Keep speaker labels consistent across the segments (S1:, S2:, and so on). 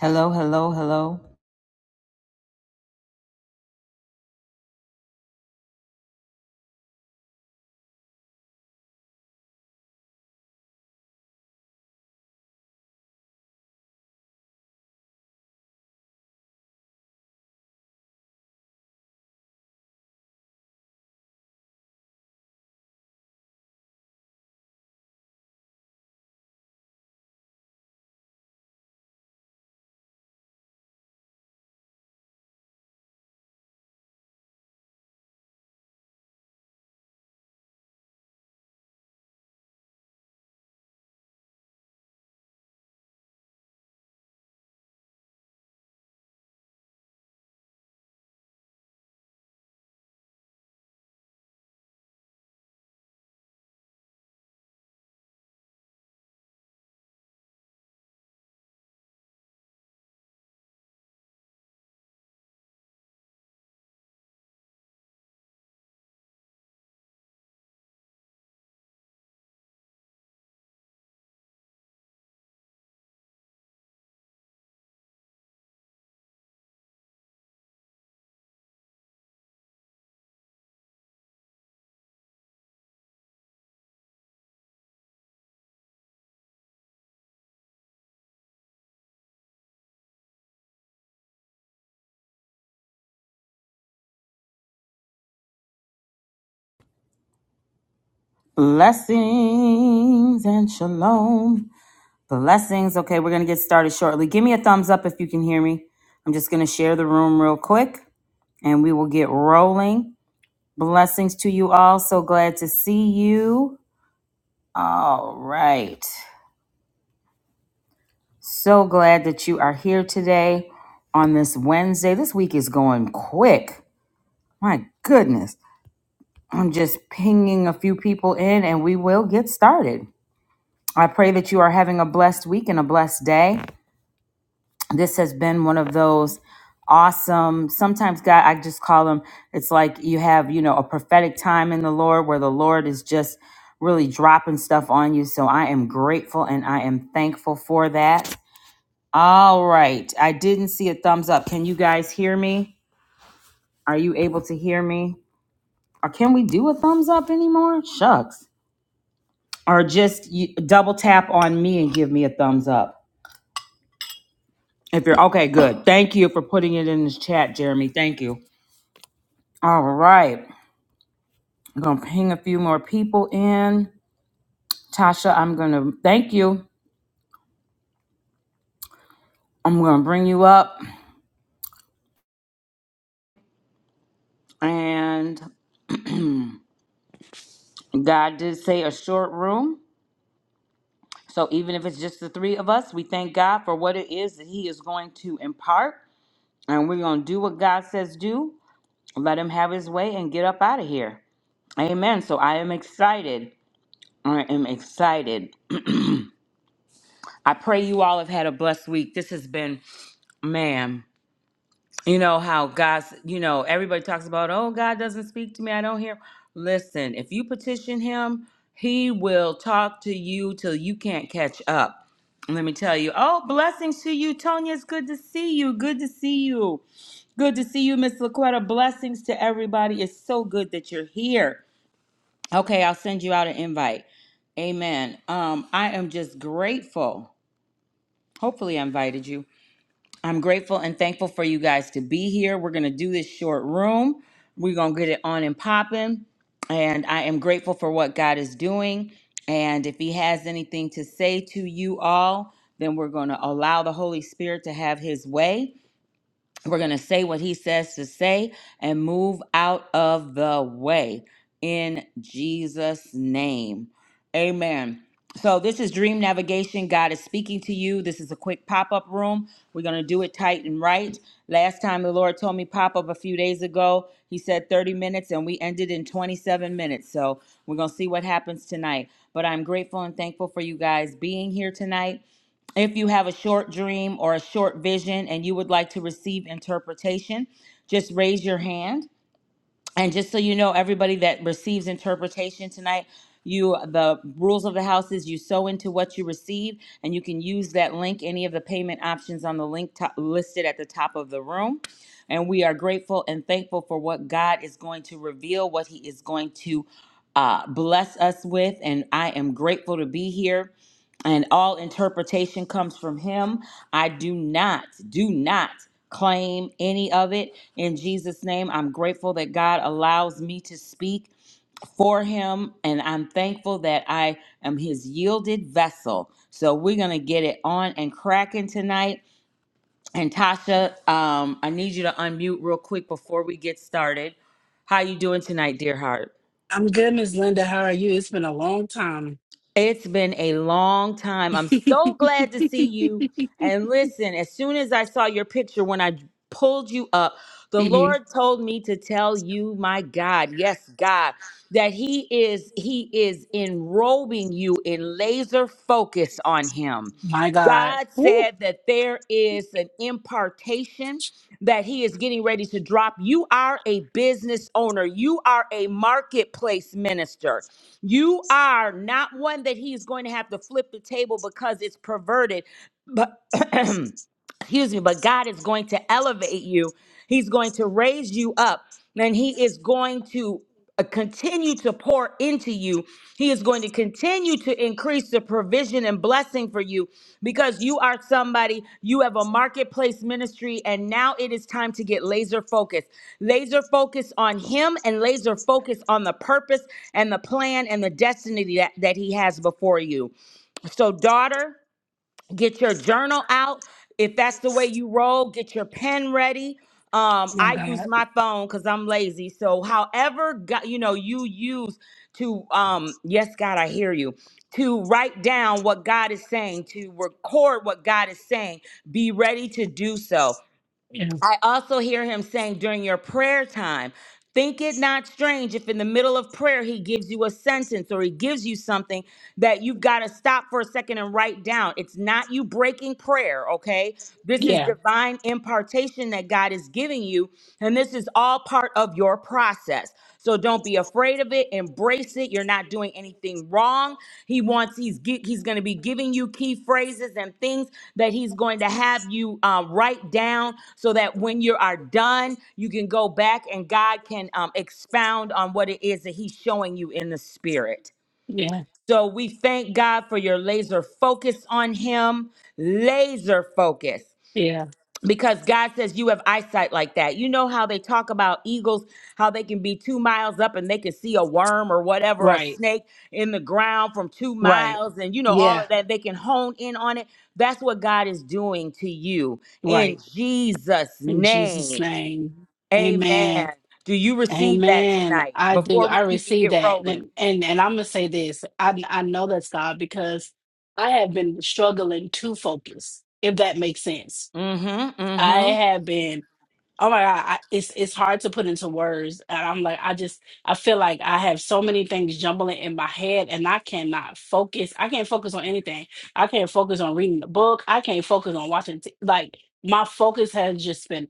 S1: Hello, hello, hello. Blessings and shalom. Blessings. Okay, we're going to get started shortly. Give me a thumbs up if you can hear me. I'm just going to share the room real quick and we will get rolling. Blessings to you all. So glad to see you. All right. So glad that you are here today on this Wednesday. This week is going quick. My goodness. I'm just pinging a few people in and we will get started. I pray that you are having a blessed week and a blessed day. This has been one of those awesome, sometimes, God, I just call them, it's like you have, you know, a prophetic time in the Lord where the Lord is just really dropping stuff on you. So I am grateful and I am thankful for that. All right. I didn't see a thumbs up. Can you guys hear me? Are you able to hear me? Or can we do a thumbs up anymore? Shucks. Or just you, double tap on me and give me a thumbs up. If you're okay, good. Thank you for putting it in this chat, Jeremy. Thank you. All right. I'm going to ping a few more people in. Tasha, I'm going to thank you. I'm going to bring you up. And God did say a short room. So even if it's just the three of us, we thank God for what it is that He is going to impart. And we're going to do what God says do. Let Him have His way and get up out of here. Amen. So I am excited. I am excited. I pray you all have had a blessed week. This has been ma'am, you know how God's, you know, everybody talks about, oh, God doesn't speak to me. I don't hear. Listen, if you petition him, he will talk to you till you can't catch up. Let me tell you. Oh, blessings to you, Tonya. It's good to see you. Good to see you. Good to see you, Miss LaQuetta. Blessings to everybody. It's so good that you're here. Okay, I'll send you out an invite. Amen. Um, I am just grateful. Hopefully, I invited you. I'm grateful and thankful for you guys to be here. We're going to do this short room. We're going to get it on and popping. And I am grateful for what God is doing. And if He has anything to say to you all, then we're going to allow the Holy Spirit to have His way. We're going to say what he says to say and move out of the way in Jesus' name. Amen. So, this is Dream Navigation. God is speaking to you. This is a quick pop up room. We're going to do it tight and right. Last time the Lord told me pop up a few days ago, he said 30 minutes, and we ended in 27 minutes. So, we're going to see what happens tonight. But I'm grateful and thankful for you guys being here tonight. If you have a short dream or a short vision and you would like to receive interpretation, just raise your hand. And just so you know, everybody that receives interpretation tonight, you the rules of the house is you sow into what you receive, and you can use that link, any of the payment options on the link to- listed at the top of the room. And we are grateful and thankful for what God is going to reveal, what He is going to uh, bless us with. And I am grateful to be here and all interpretation comes from him. I do not, do not claim any of it. In Jesus' name, I'm grateful that God allows me to speak for him, and I'm thankful that I am his yielded vessel. So we're going to get it on and cracking tonight. And Tasha, um, I need you to unmute real quick before we get started. How you doing tonight, dear heart?
S2: I'm good, Miss Linda. How are you? It's been a long time.
S1: It's been a long time. I'm so glad to see you. And listen, as soon as I saw your picture when I pulled you up, the
S2: Mhm.
S1: Lord told me to tell you, my God, yes, God, that he is he is enrobing you in laser focus on him.
S2: My God.
S1: God
S2: Ooh,
S1: said that there is an impartation that he is getting ready to drop. You are a business owner. You are a marketplace minister. You are not one that he's going to have to flip the table because it's perverted, but excuse me, but God is going to elevate you. He's going to raise you up, and He is going to uh, continue to pour into you. He is going to continue to increase the provision and blessing for you because you are somebody, you have a marketplace ministry, and now it is time to get laser focused. Laser focus on Him and laser focus on the purpose and the plan and the destiny that, that He has before you. So, daughter, get your journal out if that's the way you roll get your pen ready um
S2: my
S1: i use
S2: God.
S1: my phone because i'm lazy so however go- you know you use to um yes god i hear you to write down what god is saying to record what god is saying be ready to do so
S2: Yeah.
S1: I also hear him saying during your prayer time, think it not strange if in the middle of prayer he gives you a sentence or he gives you something that you've got to stop for a second and write down. It's not you breaking prayer, okay? This
S2: Yeah.
S1: is divine impartation that God is giving you, and this is all part of your process. So don't be afraid of it. Embrace it. You're not doing anything wrong. He wants he's gi- he's going to be giving you key phrases and things that he's going to have you um, write down so that when you are done, you can go back and God can um, expound on what it is that he's showing you in the spirit.
S2: Yeah.
S1: So we thank God for your laser focus on him. Laser focus
S2: Yeah.
S1: because God says you have eyesight like that. You know how they talk about eagles, how they can be two miles up and they can see a worm or whatever, a
S2: Right.
S1: snake in the ground from two
S2: Right.
S1: miles, and you know,
S2: Yeah.
S1: all of that. They can hone in on it. That's what God is doing to you in
S2: Right.
S1: Jesus'
S2: In Jesus'
S1: name.
S2: name. Amen.
S1: Amen. Do you receive that
S2: Amen.
S1: tonight
S2: I do.
S1: before we
S2: I
S1: even
S2: receive
S1: get
S2: that.
S1: rolling?
S2: And and, and I'm gonna say this. I I know that's God because I have been struggling to focus, if that makes sense.
S1: Mm hmm. Mm
S2: I
S1: hmm.
S2: have been Oh my God, I, it's it's hard to put into words. And I'm like, I just I feel like I have so many things jumbling in my head and I cannot focus. I can't focus on anything. I can't focus on reading the book. I can't focus on watching t- like my focus has just been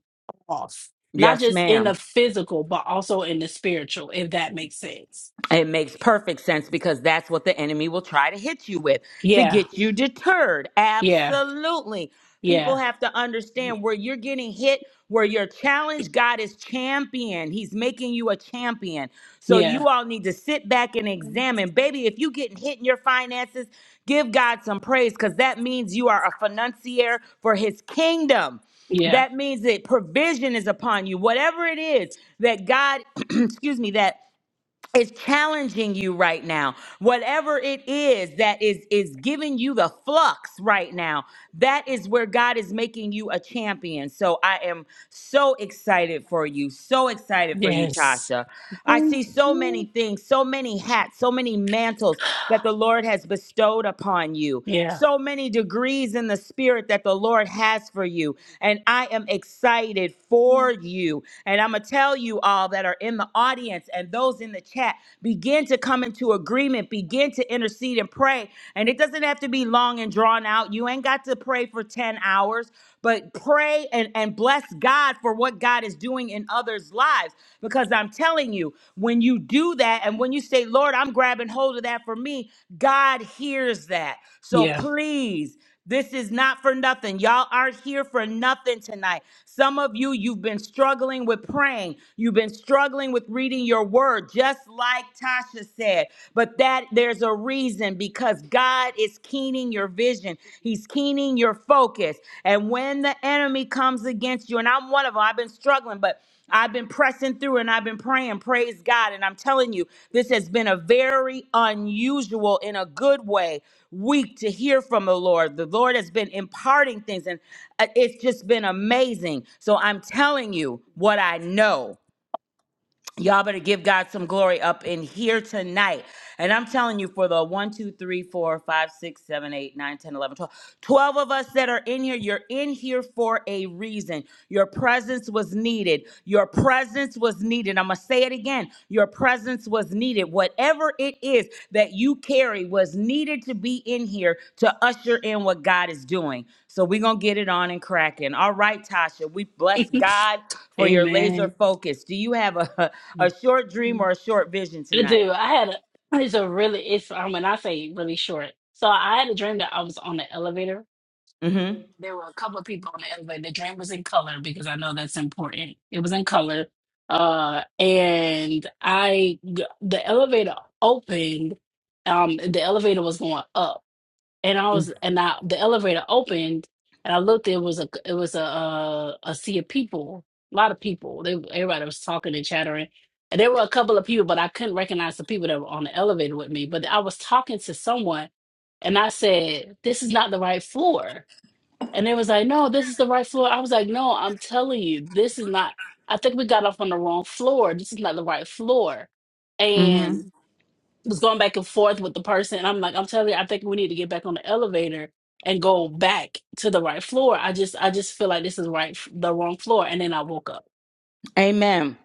S2: off. Not
S1: Yes,
S2: just in
S1: ma'am.
S2: the physical, but also in the spiritual, if that makes sense.
S1: It makes perfect sense because that's what the enemy will try to hit you with to
S2: Yeah,
S1: get you deterred.
S2: yeah,
S1: Absolutely. People
S2: yeah,
S1: have to understand where you're getting hit, where you're challenged, God is champion. He's making you a champion. So
S2: yeah,
S1: you all need to sit back and examine. Baby, if you getting hit in your finances, give God some praise because that means you are a financier for his kingdom.
S2: yeah.
S1: That means that provision is upon you. Whatever it is that God, excuse me, that is challenging you right now whatever it is that is is giving you the flux right now that is where god is making you a champion so i am so excited for you so excited for you
S2: Yes.
S1: tasha i see so many things so many hats so many mantles that the lord has bestowed upon you
S2: Yeah,
S1: so many degrees in the spirit that the lord has for you and i am excited for you and i'm gonna tell you all that are in the audience friends and those in the chat begin to come into agreement, begin to intercede and pray. And it doesn't have to be long and drawn out. You ain't got to pray for 10 hours, but pray and, and bless God for what God is doing in others' lives. Because I'm telling you, when you do that and when you say, Lord, I'm grabbing hold of that for me, God hears that. So
S2: yeah.
S1: please. This is not for nothing. Y'all aren't here for nothing tonight. Some of you, you've been struggling with praying. You've been struggling with reading your word, just like Tasha said. But that there's a reason because God is keening your vision. He's keening your focus. And when the enemy comes against you, and I'm one of them, I've been struggling, but I've been pressing through and I've been praying, praise God. And I'm telling you, this has been a very unusual, in a good way, week to hear from the Lord. The Lord has been imparting things, and uh, it's just been amazing. So I'm telling you what I know. Y'all better give God some glory up in here tonight. And I'm telling you, for the one, 2, 3, 4, 5, 6, 7, 8, 9, 10, 11, 12, 12 of us that are in here, you're in here for a reason. Your presence was needed. Your presence was needed. I'm going to say it again. Your presence presence was needed. Whatever it is that you carry was needed to be in here to usher in what God is doing. So we're going to get it on and cracking. All right, Tasha, we bless God for your laser
S2: Amen.
S1: focus. Do you have a, a short dream
S2: Mhm.
S1: or a short vision
S2: I
S1: tonight?
S2: do. I had a, it's a really, it's, um, when I say really short. So I had a dream that I was on the elevator. and
S1: Mm-hmm.
S2: There were a couple of people on the elevator. The dream was in color because I know that's important. It was in color. Uh, and I, the elevator opened. Um, the elevator was going up and I was and I the elevator opened and I looked it was a it was a a, a sea of people a lot of people they everybody was talking and chattering and there were a couple of people but I couldn't recognize the people that were on the elevator with me but I was talking to someone and I said this is not the right floor and they was like no this is the right floor I was like no I'm telling you this is not I think we got off on the wrong floor this is not the right floor
S1: Mm-hmm.
S2: And was going back and forth with the person and I'm like, I'm telling you, I think we need to get back on the elevator and go back to the right floor. I just I just feel like this is right the wrong floor. And then I woke up.
S1: Amen.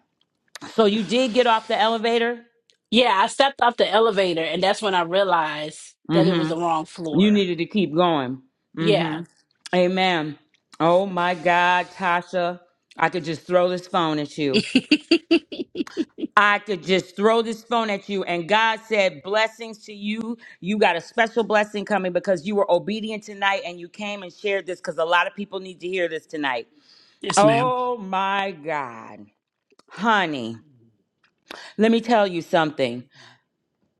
S1: So you did get off the elevator?
S2: Yeah, I stepped off the elevator and that's when I realized that it was the
S1: Mm-hmm.
S2: wrong
S1: You
S2: floor.
S1: needed to keep going.
S2: Yeah.
S1: Mm-hmm. Amen. Oh my God, Tasha. I could just throw this phone at you. I could just throw this phone at you. And God said, Blessings to you. You got a special blessing coming because you were obedient tonight and you came and shared this because a lot of people need to hear this tonight.
S2: Yes, ma'am.
S1: Oh my God. Honey, let me tell you something.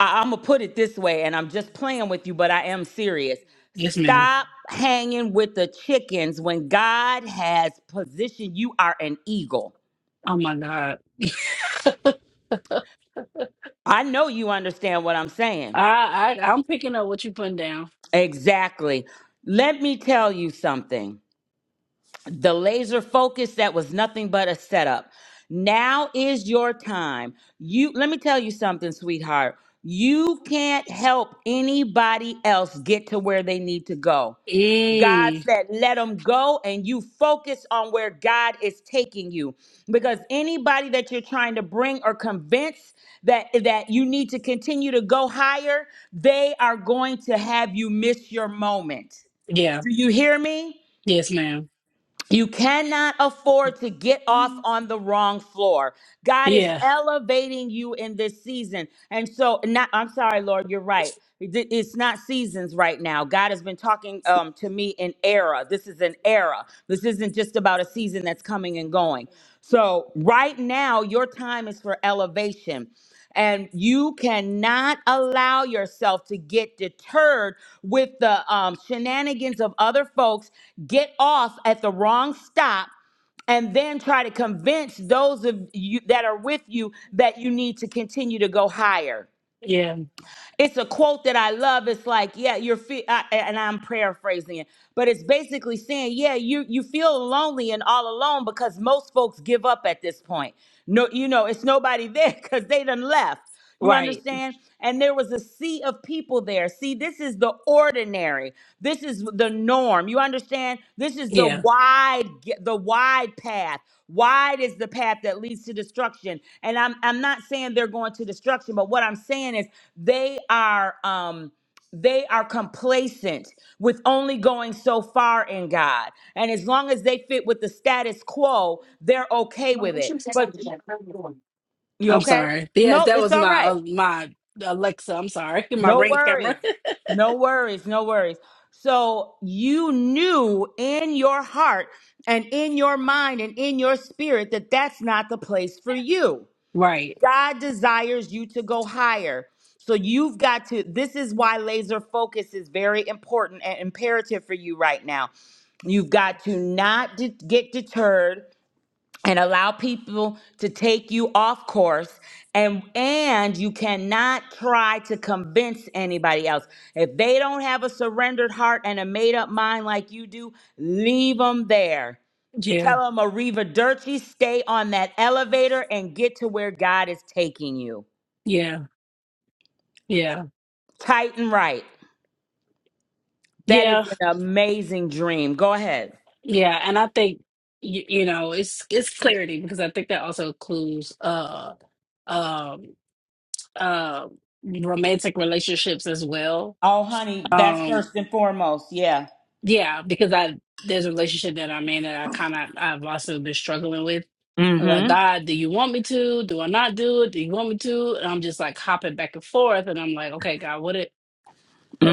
S1: I- I'm going to put it this way, and I'm just playing with you, but I am serious.
S2: Yes, ma'am.
S1: Stop hanging with the chickens when God has positioned you are an eagle.
S2: Oh my God.
S1: I know you understand what I'm saying.
S2: I, I I'm picking up what you're putting down.
S1: Exactly. Let me tell you something. The laser focus that was nothing but a setup. Now is your time. You let me tell you something, sweetheart. You can't help anybody else get to where they need to go. God
S2: Mm.
S1: said, let them go, and you focus on where God is taking you. Because anybody that you're trying to bring or convince that, that you need to continue to go higher, they are going to have you miss your moment.
S2: Yeah.
S1: Do you hear me?
S2: Yes, ma'am.
S1: You cannot afford to get off on the wrong floor. God is
S2: Yeah.
S1: elevating you in this season. And so, not, I'm sorry, Lord, you're right. It- It's not seasons right now. God has been talking um, to me in era. This is an era. This isn't just about a season that's coming and going. So, right now, your time is for elevation and you cannot allow yourself to get deterred with the um, shenanigans of other folks get off at the wrong stop and then try to convince those of you that are with you that you need to continue to go higher
S2: Yeah.
S1: it's a quote that I love. It's like, yeah, you're, fe- I, and I'm paraphrasing it, but it's basically saying, yeah, you you feel lonely and all alone because most folks give up at this point. No, you know, it's nobody there because they done left. You
S2: Right.
S1: understand? And there was a sea of people there. See, this is the ordinary. This is the norm. You understand? This is the
S2: Yeah.
S1: wide ge- the wide path. Wide is the path that leads to destruction. And I'm I'm not saying they're going to destruction, but what I'm saying is they are um they are complacent with only going so far in God. And as long as they fit with the status quo, they're okay with it. But y- you
S2: I'm
S1: okay?
S2: sorry. Yes,
S1: Nope,
S2: that
S1: it's
S2: was
S1: all
S2: my uh,
S1: right.
S2: my Alexa. I'm sorry. My
S1: No
S2: ring camera.
S1: worries. No worries. No worries. So you knew in your heart and in your mind and in your spirit that that's not the place for you.
S2: right.
S1: God desires you to go higher. So you've got to, this is why laser focus is very important and imperative for you right now. You've got to not de- get deterred and allow people to take you off course and and you cannot try to convince anybody else if they don't have a surrendered heart and a made up mind like you do leave them there
S2: Yeah.
S1: Tell them, Ariva Dirty, stay on that elevator and get to where God is taking you.
S2: Yeah. Yeah.
S1: Tight and right. That is
S2: Yeah.
S1: an amazing dream. Go ahead.
S2: Yeah. And I think you, you know it's it's clarity because I think that also includes uh um uh, romantic relationships as well.
S1: Oh, honey, that's
S2: Um,
S1: first and foremost. Yeah.
S2: yeah, because I there's a relationship that I'm in that I kind of I've also been struggling with. I'm like,
S1: Mm-hmm.
S2: God, do you want me to? Do I not do it? Do you want me to? And I'm just like hopping back and forth, and I'm like, okay, God, what?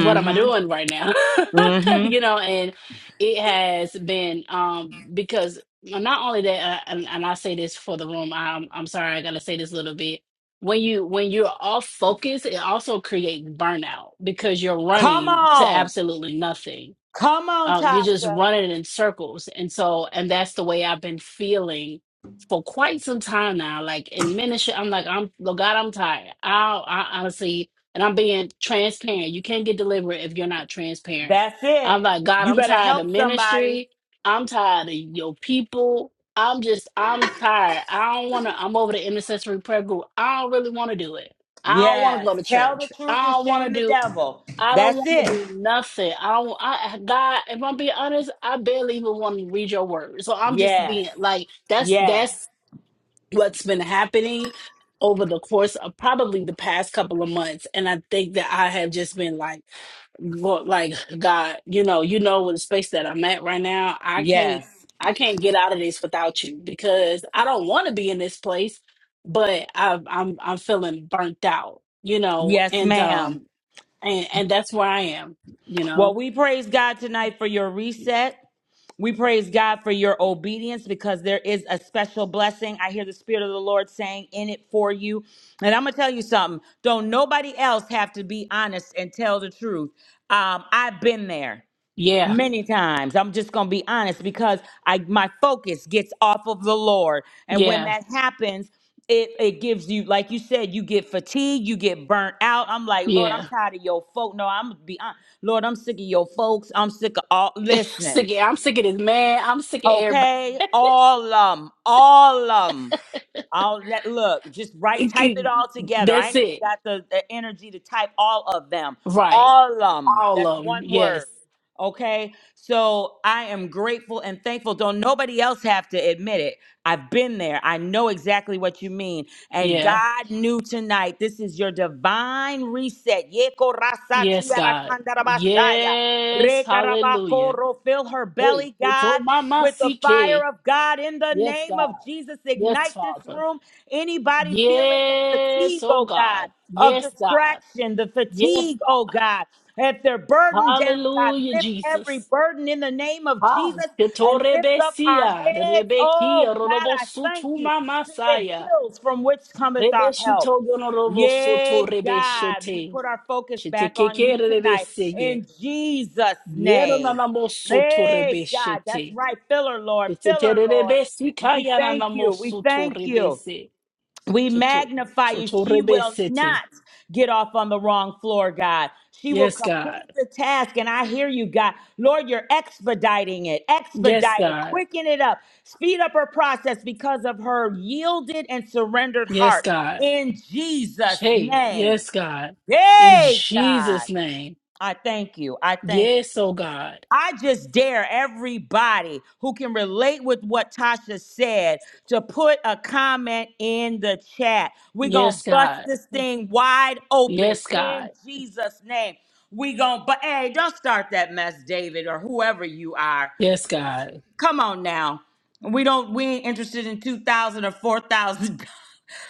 S2: what am I doing right now?
S1: Mm-hmm.
S2: you know, and it has been um because not only that, uh, and, and I say this for the room. I'm I'm sorry, I gotta say this a little bit. When you when you're off focus, it also creates burnout because you're
S1: Come
S2: running to
S1: on.
S2: absolutely nothing
S1: Come on,
S2: um, you're just
S1: Tasha.
S2: running in circles. And so, and that's the way I've been feeling for quite some time now. Like in ministry, I'm like, I'm, Lord God, I'm tired. I, I honestly, and I'm being transparent. You can't get delivered if you're not transparent.
S1: That's it.
S2: I'm like, God,
S1: You
S2: I'm
S1: better
S2: tired
S1: help
S2: of
S1: somebody.
S2: ministry. I'm tired of your people. I'm just, I'm tired. I don't want to, I'm over the intercessory prayer group. I don't really want to do it. I don't want to
S1: Yes.
S2: go to
S1: Tell the
S2: church.
S1: truth
S2: I
S1: and
S2: don't want
S1: shame
S2: to
S1: the
S2: do.
S1: devil.
S2: I don't
S1: That's
S2: want to
S1: it.
S2: do nothing. I don't. I God, if I'm being honest, I barely even want to read your word. So I'm just
S1: Yes.
S2: being like, that's
S1: Yes.
S2: that's what's been happening over the course of probably the past couple of months, and I think that I have just been like, go- like God, you know, you know, with the space that I'm at right now, I can't,
S1: Yes.
S2: I can't get out of this without you because I don't want to be in this place, but I've, I'm, I'm feeling burnt out, you know,
S1: Yes,
S2: and
S1: ma'am.
S2: um and and that's where I am. You
S1: Well,
S2: know,
S1: we praise God tonight for your reset. We praise God for your obedience because there is a special blessing. I hear the Spirit of the Lord saying in it for you. And I'm going to tell you something. Don't nobody else have to be honest and tell the truth. Um, I've been there
S2: yeah,
S1: many times i'm just gonna be honest because i my focus gets off of the lord and when
S2: yeah,
S1: that happens it it gives you like you said you get fatigued you get burnt out i'm like lord i'm
S2: yeah.
S1: tired of your folk no i'm be honest lord i'm sick of your folks i'm sick of all
S2: sick.
S1: listen
S2: Of, I'm sick of this man. I'm sick of everybody.
S1: okay all um all 'em. I'll let look, just write, type it all together. I
S2: that's
S1: ain't even
S2: it.
S1: got the, the energy to type all of them.
S2: Right.
S1: All um,
S2: All
S1: that's
S2: of them.
S1: one
S2: Yes.
S1: word. Okay. So I am grateful and thankful. Don't nobody else have to admit it. I've been there. I know exactly what you mean. And
S2: Yeah.
S1: God knew tonight this is your divine reset. Yeko rasa
S2: Yes,
S1: tiara
S2: God.
S1: kandarabashaya.
S2: Yes. Hallelujah.
S1: Rekarabakoro. Fill her
S2: Hey,
S1: belly,
S2: they
S1: God
S2: told Mama
S1: with the fire
S2: CK.
S1: of God in the
S2: Yes,
S1: name
S2: God.
S1: of Jesus.
S2: Yes,
S1: Ignite this
S2: Father.
S1: room. Anybody feeling the
S2: Yes,
S1: fatigue,
S2: oh
S1: oh God,
S2: God.
S1: of
S2: Yes, God.
S1: distraction, the
S2: Yes,
S1: fatigue, oh
S2: God.
S1: God. If they're burdened down, God,
S2: Hallelujah,
S1: lift every
S2: Jesus.
S1: burden in the name of
S2: Ah,
S1: Jesus and lift up our
S2: Ketorebesia,
S1: heads. Oh
S2: Rebekia,
S1: God, I thank
S2: Robosutu
S1: you
S2: Mama
S1: to the
S2: Saya,
S1: hills from which cometh our help.
S2: Rebeshito Gonorobosoto
S1: Yay, God. We
S2: Rebeshete,
S1: put our focus back on
S2: Shetekeke
S1: you tonight
S2: Rebeseye,
S1: in Jesus' name.
S2: Yerananamosoto
S1: Hey, God. That's
S2: Rebeshete,
S1: right. Fill her, Lord. Fill her, Lord. We
S2: Sheterebesikaya
S1: thank you. We
S2: Nanamosoto
S1: thank you.
S2: Rebese,
S1: We
S2: Shoto
S1: magnify you.
S2: Shoto
S1: She will
S2: Rebesete.
S1: not get off on the wrong floor, God. She will
S2: Yes,
S1: complete
S2: God.
S1: the task. And I hear you, God. Lord, you're expediting it,
S2: Yes,
S1: expedite it,
S2: God.
S1: quicken it up, speed up her process because of her yielded and surrendered
S2: Yes,
S1: heart.
S2: God.
S1: In Jesus'
S2: Hey,
S1: name.
S2: yes, God. In
S1: Yay, God.
S2: Jesus' name.
S1: I thank you. I thank you.
S2: Yes, oh God.
S1: I just dare everybody who can relate with what Tasha said to put a comment in the chat. We're going to
S2: Yes,
S1: bust
S2: God.
S1: this thing wide open
S2: Yes, God.
S1: in Jesus' name. We going to, but hey, don't start that mess, David, or whoever you are.
S2: Yes, God.
S1: Come on now. We don't, we ain't interested in 2000 or $4,000.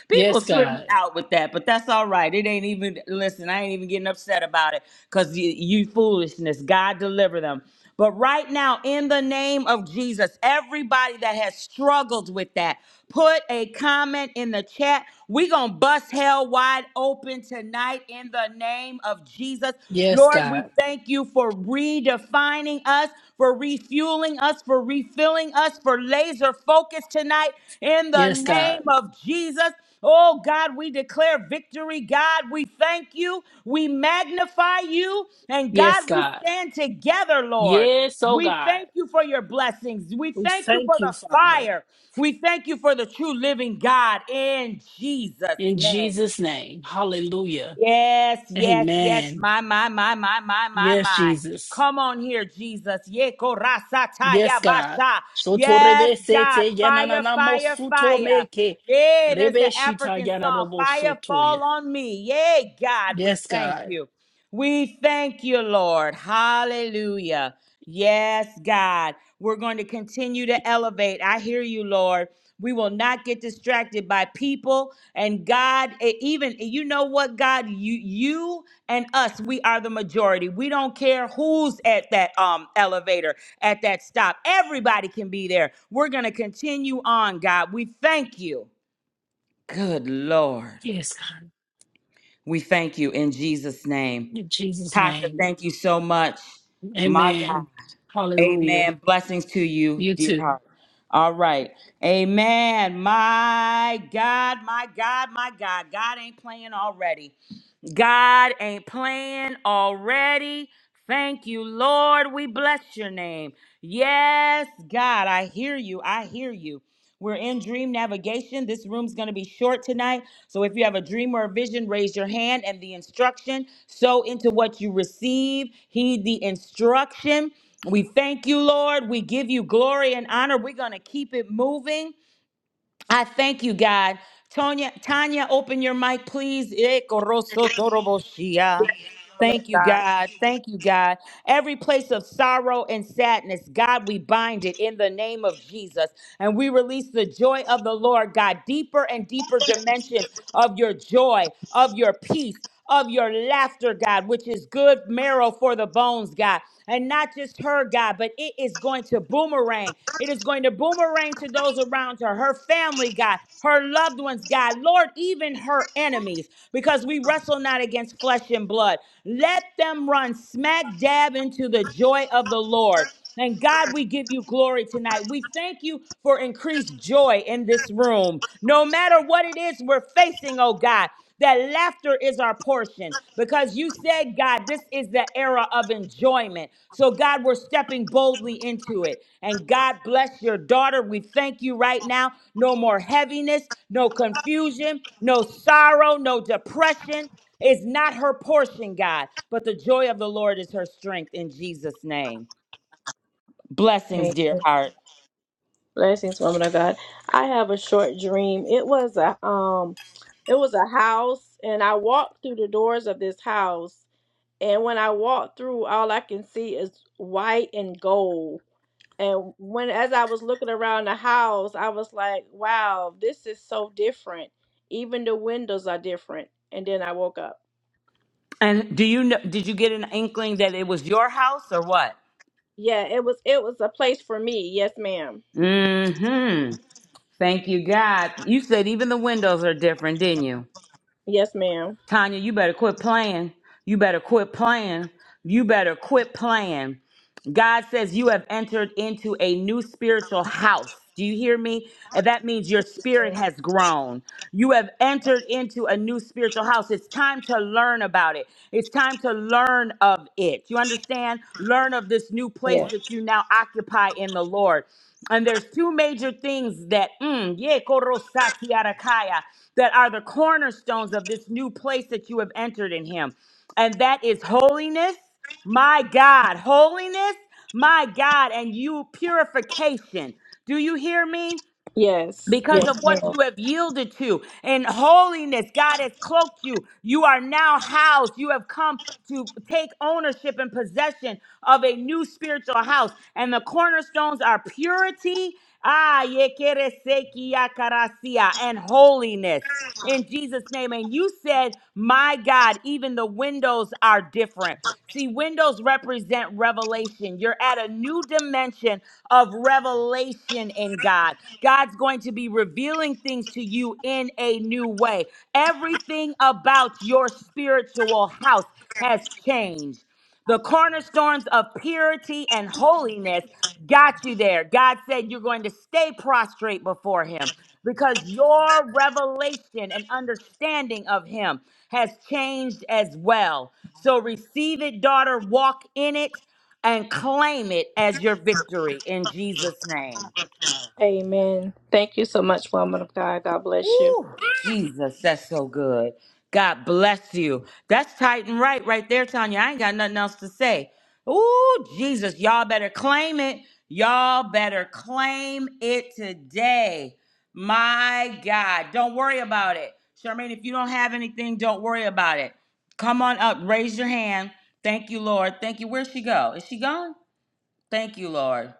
S1: People
S2: Yes,
S1: trip me
S2: God.
S1: out with that, but that's all right. It ain't even, listen, I ain't even getting upset about it because you, you foolishness. God deliver them. But right now, in the name of Jesus, everybody that has struggled with that, put a comment in the chat. we going to bust hell wide open tonight in the name of Jesus.
S2: Yes,
S1: Lord, we
S2: God.
S1: thank you for redefining us, for refueling us, for refilling us, for laser focus tonight in the
S2: Yes, God.
S1: name of Jesus. Oh God, we declare victory. God, we thank you. We magnify you. And
S2: Yes,
S1: God, we
S2: God.
S1: stand together, Lord.
S2: Yes, oh
S1: We
S2: God.
S1: thank you for your blessings. We
S2: We
S1: thank you for
S2: thank you,
S1: the
S2: Father.
S1: fire. We thank you for the true living God in Jesus'
S2: In
S1: name.
S2: Jesus' name. Hallelujah.
S1: Yes, yes, yes.
S2: Amen.
S1: My, my, my, my, my, my,
S2: Yes,
S1: my.
S2: Jesus.
S1: Come on here, Jesus. Ye
S2: Yes,
S1: korasataya
S2: God.
S1: basha. Yes,
S2: Shotorebe
S1: God.
S2: sete
S1: Fire,
S2: yananana
S1: fire,
S2: mosuto
S1: fire.
S2: meke.
S1: Yeah, there's
S2: Rebe
S1: an
S2: shita
S1: African song.
S2: yananamo
S1: Fire
S2: sotoya.
S1: fall on me. Yay, God, we
S2: Yes,
S1: thank
S2: God.
S1: you. We thank you, Lord. Hallelujah. Yes, God. We're going to continue to elevate. I hear you, Lord. We will not get distracted by people and God. e- Even e, you know what, God, you you and us, we are the majority. We don't care who's at that um elevator, at that stop. Everybody can be there. We're gonna continue on, God. We thank you. Good Lord.
S2: Yes, God.
S1: We thank you in Jesus' name.
S2: In Jesus'
S1: Tasha,
S2: name.
S1: thank you so much. My
S2: Amen.
S1: God.
S2: Hallelujah.
S1: Amen. Blessings to you,
S2: You
S1: dear
S2: too.
S1: heart. All right. Amen. My God, my God, my God. God ain't playing already. God ain't playing already. Thank you, Lord. We bless your name. Yes, God, I hear you. I hear you. We're in dream navigation. This room's going to be short tonight. So if you have a dream or a vision, raise your hand and the instruction. Sow into what you receive. Heed the instruction. We thank you, Lord. We give you glory and honor. We're going to keep it moving. I thank you, God. Tonya, Tanya, open your mic, please. Eh, koroso toroboshia.
S3: woman of
S1: Thank you,
S3: God.
S1: God. Thank you, God. Every place of sorrow and sadness, God, we bind it in the name of Jesus. And we release the joy of the Lord, God, deeper and deeper dimensions of your joy, of your peace, of your laughter, God, which is good marrow for the bones, God. And not just her, God, but it is going to boomerang is going to boomerang to those around her, her family, God, her loved ones, God, Lord, even her enemies, because we wrestle not against flesh and blood. Let them run smack dab into the joy of the Lord. And God, we give you glory tonight. We thank you for increased joy in this room. No matter what it is we're facing, oh God, that laughter is our portion because you said, God, this is the era of enjoyment. So, God, we're stepping boldly into it. And God bless your daughter. We thank you right now. No more heaviness, no confusion, no sorrow, no depression is not her portion, God, but the joy of the Lord is her strength in Jesus' name. Blessings, dear
S3: Amen.
S1: heart.
S3: Blessings, woman of God. I have a short dream. It was a um, it was a house, and I walked through the doors of this house. And when I walked through, all I can see is white and gold. And when as I was looking around the house, I was like, "Wow, this is so different. Even the windows are different." And then I woke up.
S1: And do you know, did you get an inkling that it was your house or what?
S3: Yeah, it was it was a place for me. Yes, ma'am.
S1: Mm hmm. Thank you, God. You said even the windows are different, didn't you?
S3: Yes, ma'am.
S1: Tanya, you better quit playing. You better quit playing. You better quit playing. God says you have entered into a new spiritual house. Do you hear me? And that means your spirit has grown. You have entered into a new spiritual house. It's time to learn about it. It's time to learn of it. You understand? Learn of this new
S3: Yeah.
S1: place that you now occupy in the Lord. And there's two major things that, mm, yeah, korosati arakaya, that are the cornerstones of this new place that you have entered in Him. And that is holiness my God, holiness, my God, and you purification. Do you hear me?
S3: Yes,
S1: Because of
S3: yes,
S1: what
S3: ma'am.
S1: you have yielded to in holiness, God has cloaked you. You are now housed. You have come to take ownership and possession of a new spiritual house. And the cornerstones are purity, ah, ye quiere se que ya carasia, and holiness in Jesus' name. And you said, My God, even the windows are different. See, windows represent revelation. You're at a new dimension of revelation in God. God's going to be revealing things to you in a new way. Everything about your spiritual house has changed. The cornerstones of purity and holiness got you there. God said you're going to stay prostrate before Him because your revelation and understanding of Him has changed as well. So receive it, daughter, walk in it, and claim it as your victory in Jesus' name.
S3: Amen. Thank you so much, woman of God. God bless you.
S1: Woo! Jesus, that's so good. God bless you. That's tight and right, right there, Tanya. I ain't got nothing else to say. Ooh, Jesus, y'all better claim it. Y'all better claim it today. My God, don't worry about it. Charmaine, if you don't have anything, don't worry about it. Come on up, raise your hand. Thank you, Lord. Thank you. Where'd she go? Is she gone? Thank you, Lord.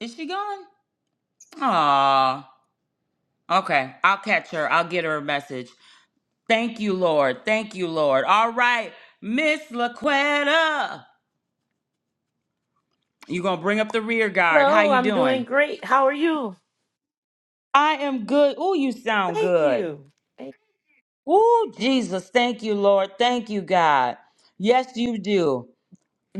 S1: Is she gone? Aw. Okay, I'll catch her. I'll get her a message. Thank you, Lord. Thank you, Lord. All right, Miss Laquetta, you gonna bring up the rear guard. How
S4: Hello,
S1: you
S4: I'm doing
S1: doing?
S4: great. How are you?
S1: I am good. Ooh, you sound
S4: Thank
S1: good.
S4: you. Thank-
S1: Ooh, Jesus. Thank you, Lord. Thank you, God. Yes, you do.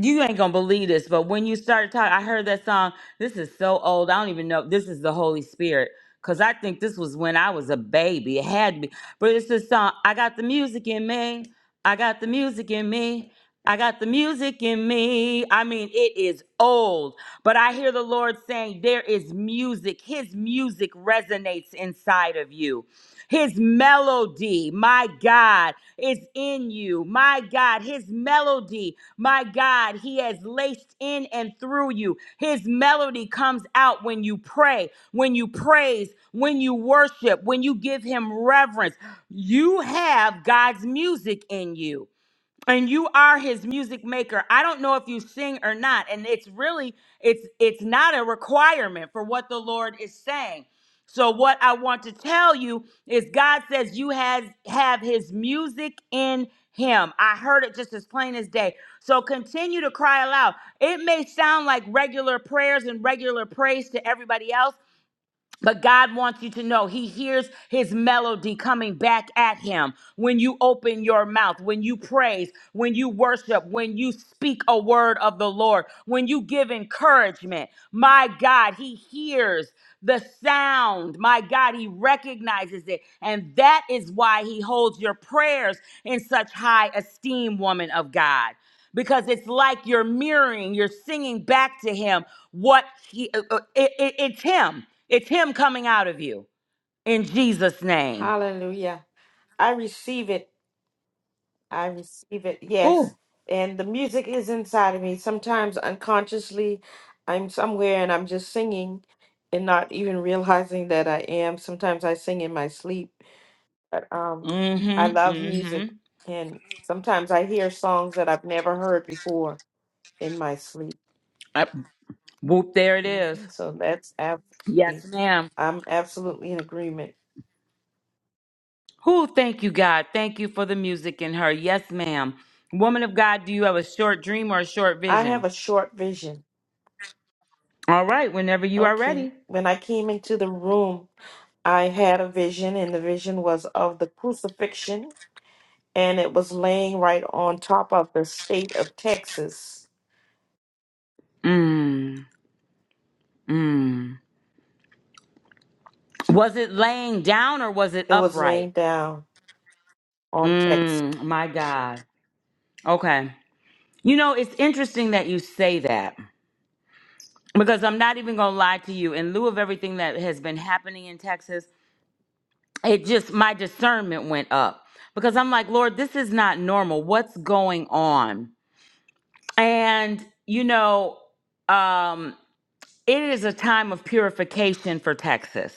S1: you ain't gonna believe this, but when you started talking, I heard that song. This is so old. I don't even know. This is the Holy Spirit. Cause I think this was when I was a baby. It had to be. But it's this song. I got the music in me. I got the music in me. I got the music in me. I mean, it is old, but I hear the Lord saying, There is music. His music resonates inside of you. His melody, my God, is in you. My God, His melody, my God, He has laced in and through you. His melody comes out when you pray, when you praise, when you worship, when you give Him reverence. You have God's music in you and you are his music maker i don't know if you sing or not and it's really it's it's not a requirement for what the lord is saying so what i want to tell you is god says you has have his music in him i heard it just as plain as day so continue to cry aloud it may sound like regular prayers and regular praise to everybody else but God wants you to know He hears His melody coming back at Him when you open your mouth, when you praise, when you worship, when you speak a word of the Lord, when you give encouragement. My God, He hears the sound. My God, He recognizes it. And that is why He holds your prayers in such high esteem, woman of God because it's like you're mirroring, you're singing back to him what he, uh, uh, it, it, it's him it's him coming out of you in jesus name
S4: Hallelujah. I receive it. I receive it.
S1: Ooh.
S4: Yes. And the music is inside of me. Sometimes unconsciously, I'm somewhere and I'm just singing and not even realizing that I am. Sometimes I sing in my sleep. But um I
S1: mm-hmm
S4: love
S1: mm-hmm
S4: music and sometimes I hear songs that I've never heard before in my sleep.
S1: Uh, whoop there it
S4: hmm
S1: is
S4: So that's
S1: yes
S4: absolutely
S1: ma'am
S4: I'm absolutely in agreement.
S1: who thank you god thank you for the music in her yes ma'am woman of god do you have a short dream or a short
S4: I have
S1: vision
S4: a short vision.
S1: all right whenever you are
S4: Okay.
S1: ready
S4: When I came into the room, I had a vision, and the vision was of the crucifixion, and it was laying right on top of the state of Texas.
S1: mm, mm. was it laying down or was it
S4: It was
S1: upright
S4: laying down on Texas.
S1: mm, my god okay you know it's interesting that you say that because I'm not even gonna lie to you. In lieu of everything that has been happening in Texas, it just my discernment went up because I'm like, Lord, this is not normal. What's going on? And you know, um, it is a time of purification for Texas.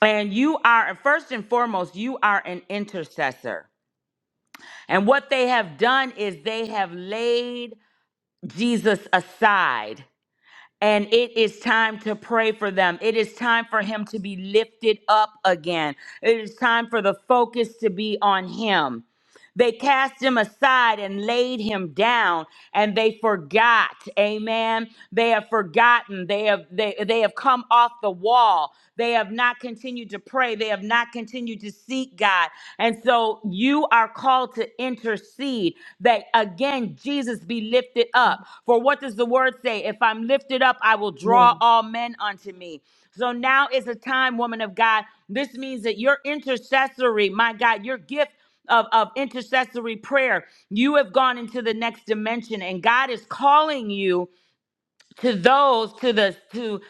S1: And you are first and foremost, you are an intercessor. And what they have done is they have laid Jesus aside And it is time to pray for them. It is time for him to be lifted up again. It is time for the focus to be on him. They cast him aside and laid him down, and they forgot. Amen. They have forgotten. They have they, they have come off the wall. They have not continued to pray. They have not continued to seek God. And so you are called to intercede that again Jesus be lifted up. For what does the word say? If I'm lifted up, I will
S4: Yeah.
S1: draw all men unto me. So now is a time, woman of God. This means that your intercessory, my God, your gift of, of intercessory prayer. You have gone into the next dimension, and God is calling you to those to the to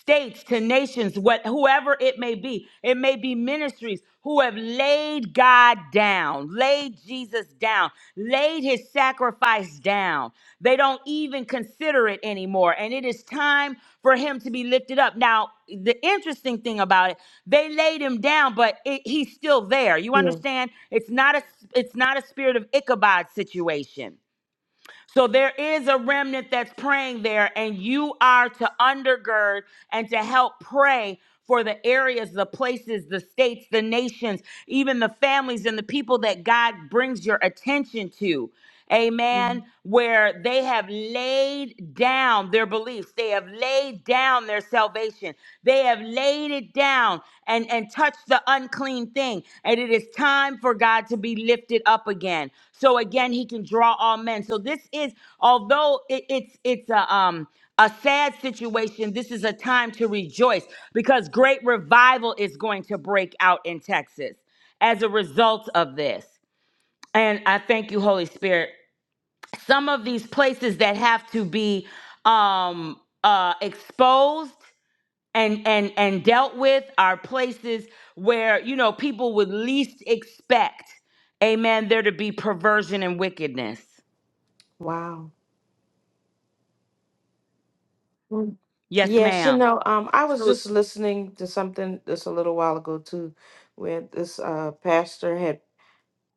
S1: states to nations what whoever it may be it may be ministries who have laid god down laid jesus down laid his sacrifice down they don't even consider it anymore and it is time for him to be lifted up now the interesting thing about it they laid him down but it, he's still there you
S4: yeah.
S1: understand it's not a it's not a spirit of ichabod situation so there is a remnant that's praying there, and you are to undergird and to help pray for the areas, the places, the states, the nations, even the families and the people that God brings your attention to. Amen.
S4: Mhm.
S1: Where they have laid down their beliefs, they have laid down their salvation, They. They have laid it down and, and touched the unclean thing. And it is time for God to be lifted up again. So again, he can draw all men. So this is, although it, it's it's a um a sad situation, this is a time to rejoice because great revival is going to break out in Texas as a result of this. And I thank you, Holy Spirit. Some of these places that have to be um uh exposed and and and dealt with are places where you know people would least expect amen there to be perversion and wickedness
S4: Wow. Mm.
S1: yes
S4: Yes, you
S1: ma'am
S4: know, um, I was
S1: So-
S4: just listening to something just a little while ago too, where this uh, pastor had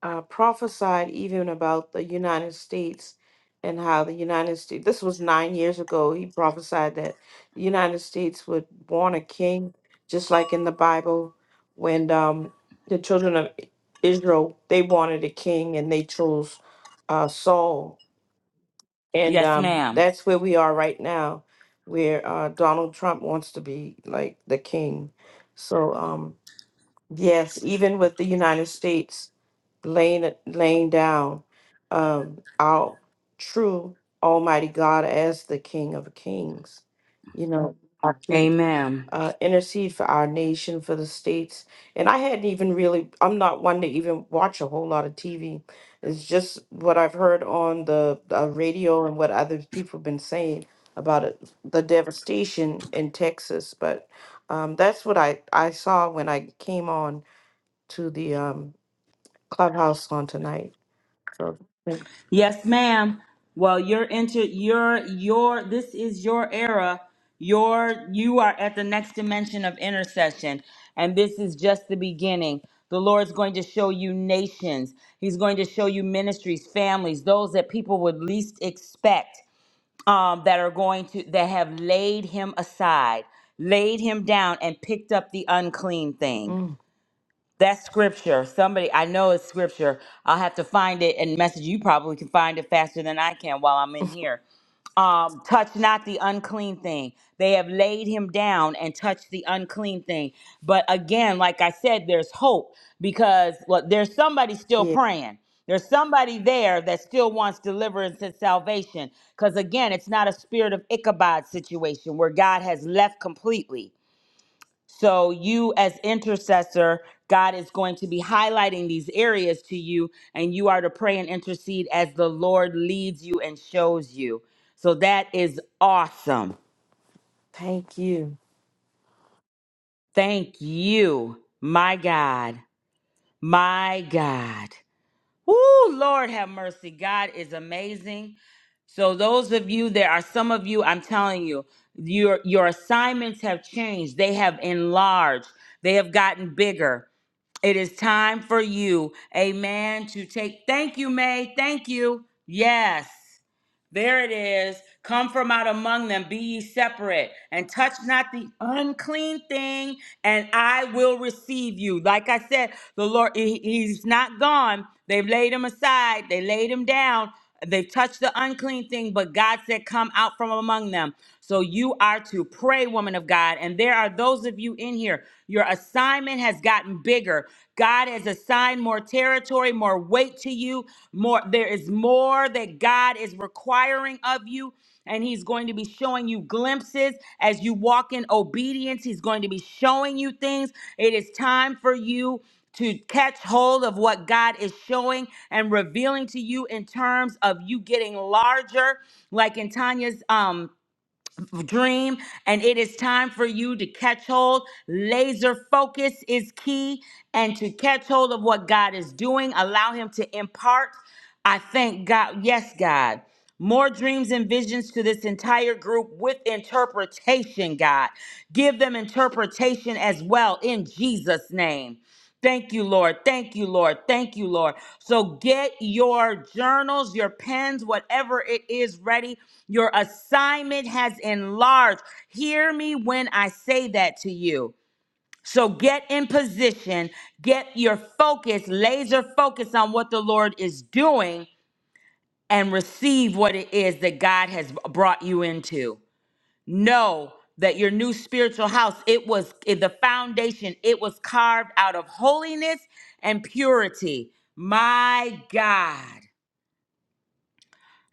S4: uh, prophesied even about the United States and how the United States, this was nine years ago, he prophesied that the United States would born a king, just like in the Bible, when um, the children of I- Israel, they wanted a king and they chose uh, Saul. And
S1: yes
S4: um,
S1: ma'am
S4: that's where we are right now, where uh, Donald Trump wants to be like the king. So, um, yes, even with the United States, laying laying down um our true almighty god as the king of kings you know i do
S1: amen
S4: uh intercede for our nation for the states and i hadn't even really i'm not one to even watch a whole lot of tv it's just what i've heard on the uh, radio and what other people have been saying about it the devastation in texas but um that's what i i saw when i came on to the um clubhouse on tonight so, thank-
S1: Yes, ma'am. Well, you're into your your this is your era. Your you are at the next dimension of intercession, and this is just the beginning. The Lord's going to show you nations. He's going to show you ministries, families, those that people would least expect um, that are going to that have laid him aside, laid him down, and picked up the unclean thing.
S4: mm,
S1: That's scripture. Somebody, I know it's scripture. I'll have to find it and message you. You Probably can find it faster than I can while I'm in here. Um, touch not the unclean thing. They have laid him down and touched the unclean thing. But again, like I said, there's hope because look, there's somebody still
S4: yeah,
S1: praying. There's somebody there that still wants deliverance and salvation. Because again, it's not a spirit of Ichabod situation where God has left completely. So, you as intercessor, God is going to be highlighting these areas to you, and you are to pray and intercede as the Lord leads you and shows you. So, that is awesome.
S4: thank you.
S1: Thank you, my God, my God. Woo, Lord have mercy. God is amazing. So those of you, there are some of you, I'm telling you, your your assignments have changed. They have enlarged. They have gotten bigger. It is time for you, amen, to take thank you, May. Thank you. Yes. There it is. Come from out among them, be ye separate, and touch not the unclean thing, and I will receive you. Like I said, the Lord, he- He's not gone. They've laid him aside, they laid him down, they've touched the unclean thing, but God said, Come out from among them. So you are to pray, woman of God. And there are those of you in here, your assignment has gotten bigger bigger. God has assigned more territory, more weight to you. More there is more that God is requiring of you and he's going to be showing you glimpses as you walk in obedience. He's going to be showing you things. It is time for you to catch hold of what God is showing and revealing to you in terms of you getting larger like in Tanya's um dream, and it is time for you to catch hold. Laser focus is key, and to catch hold of what God is doing, allow Him to impart. I thank God. Yes, God. More dreams and visions to this entire group with interpretation, God. Give them interpretation as well in Jesus' name. Thank you, Lord. Thank you, Lord. Thank you, Lord. So get your journals, your pens, whatever it is ready. Your assignment has enlarged. Hear me when I say that to you. So get in position, get your focus, laser focus on what the Lord is doing, and receive what it is that God has brought you into know that your new spiritual house it was it, the foundation it was carved out of holiness and purity my god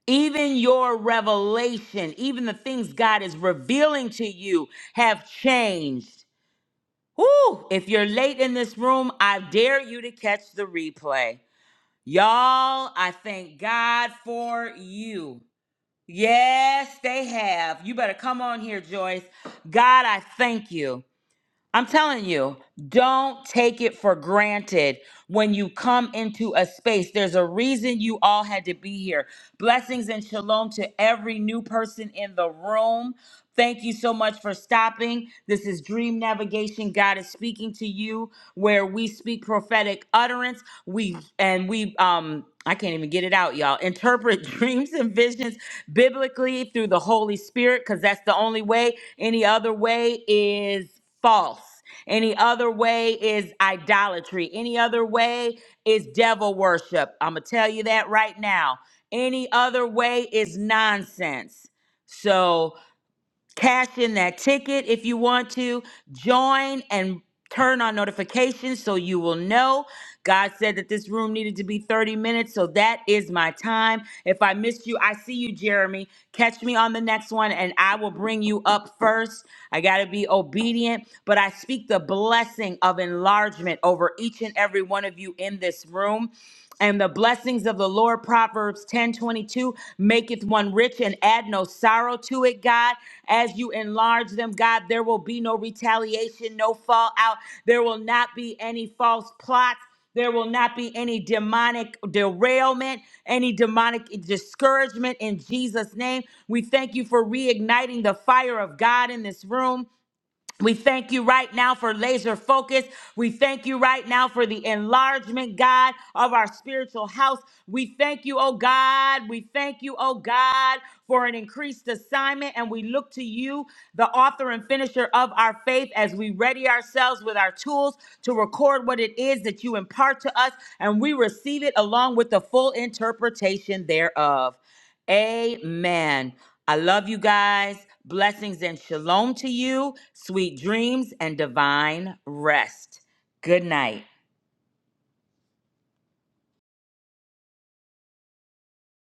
S1: even your revelation even the things god is revealing to you have changed Woo! if you're late in this room i dare you to catch the replay y'all i thank god for you yes they have you better come on here joyce god i thank you I'm telling you, don't take it for granted when you come into a space. There's a reason you all had to be here. Blessings and shalom to every new person in the room. Thank you so much for stopping. This is Dream Navigation. God is speaking to you where we speak prophetic utterance. We and we um I can't even get it out, y'all. Interpret dreams and visions biblically through the Holy Spirit cuz that's the only way. Any other way is false. Any other way is idolatry. Any other way is devil worship. I'm going to tell you that right now. Any other way is nonsense. So cash in that ticket if you want to. Join and turn on notifications so you will know God said that this room needed to be 30 minutes, so that is my time. If I missed you, I see you, Jeremy. Catch me on the next one, and I will bring you up first. I got to be obedient, but I speak the blessing of enlargement over each and every one of you in this room. And the blessings of the Lord, Proverbs 10:22 maketh one rich and add no sorrow to it, God. As you enlarge them, God, there will be no retaliation, no fallout. There will not be any false plots. There will not be any demonic derailment, any demonic discouragement in Jesus' name. We thank you for reigniting the fire of God in this room. We thank you right now for laser focus. We thank you right now for the enlargement, God, of our spiritual house. We thank you, oh God. We thank you, oh God, for an increased assignment. And we look to you, the author and finisher of our faith, as we ready ourselves with our tools to record what it is that you impart to us. And we receive it along with the full interpretation thereof. Amen. I love you guys. Blessings and shalom to you. Sweet dreams and divine rest. Good night.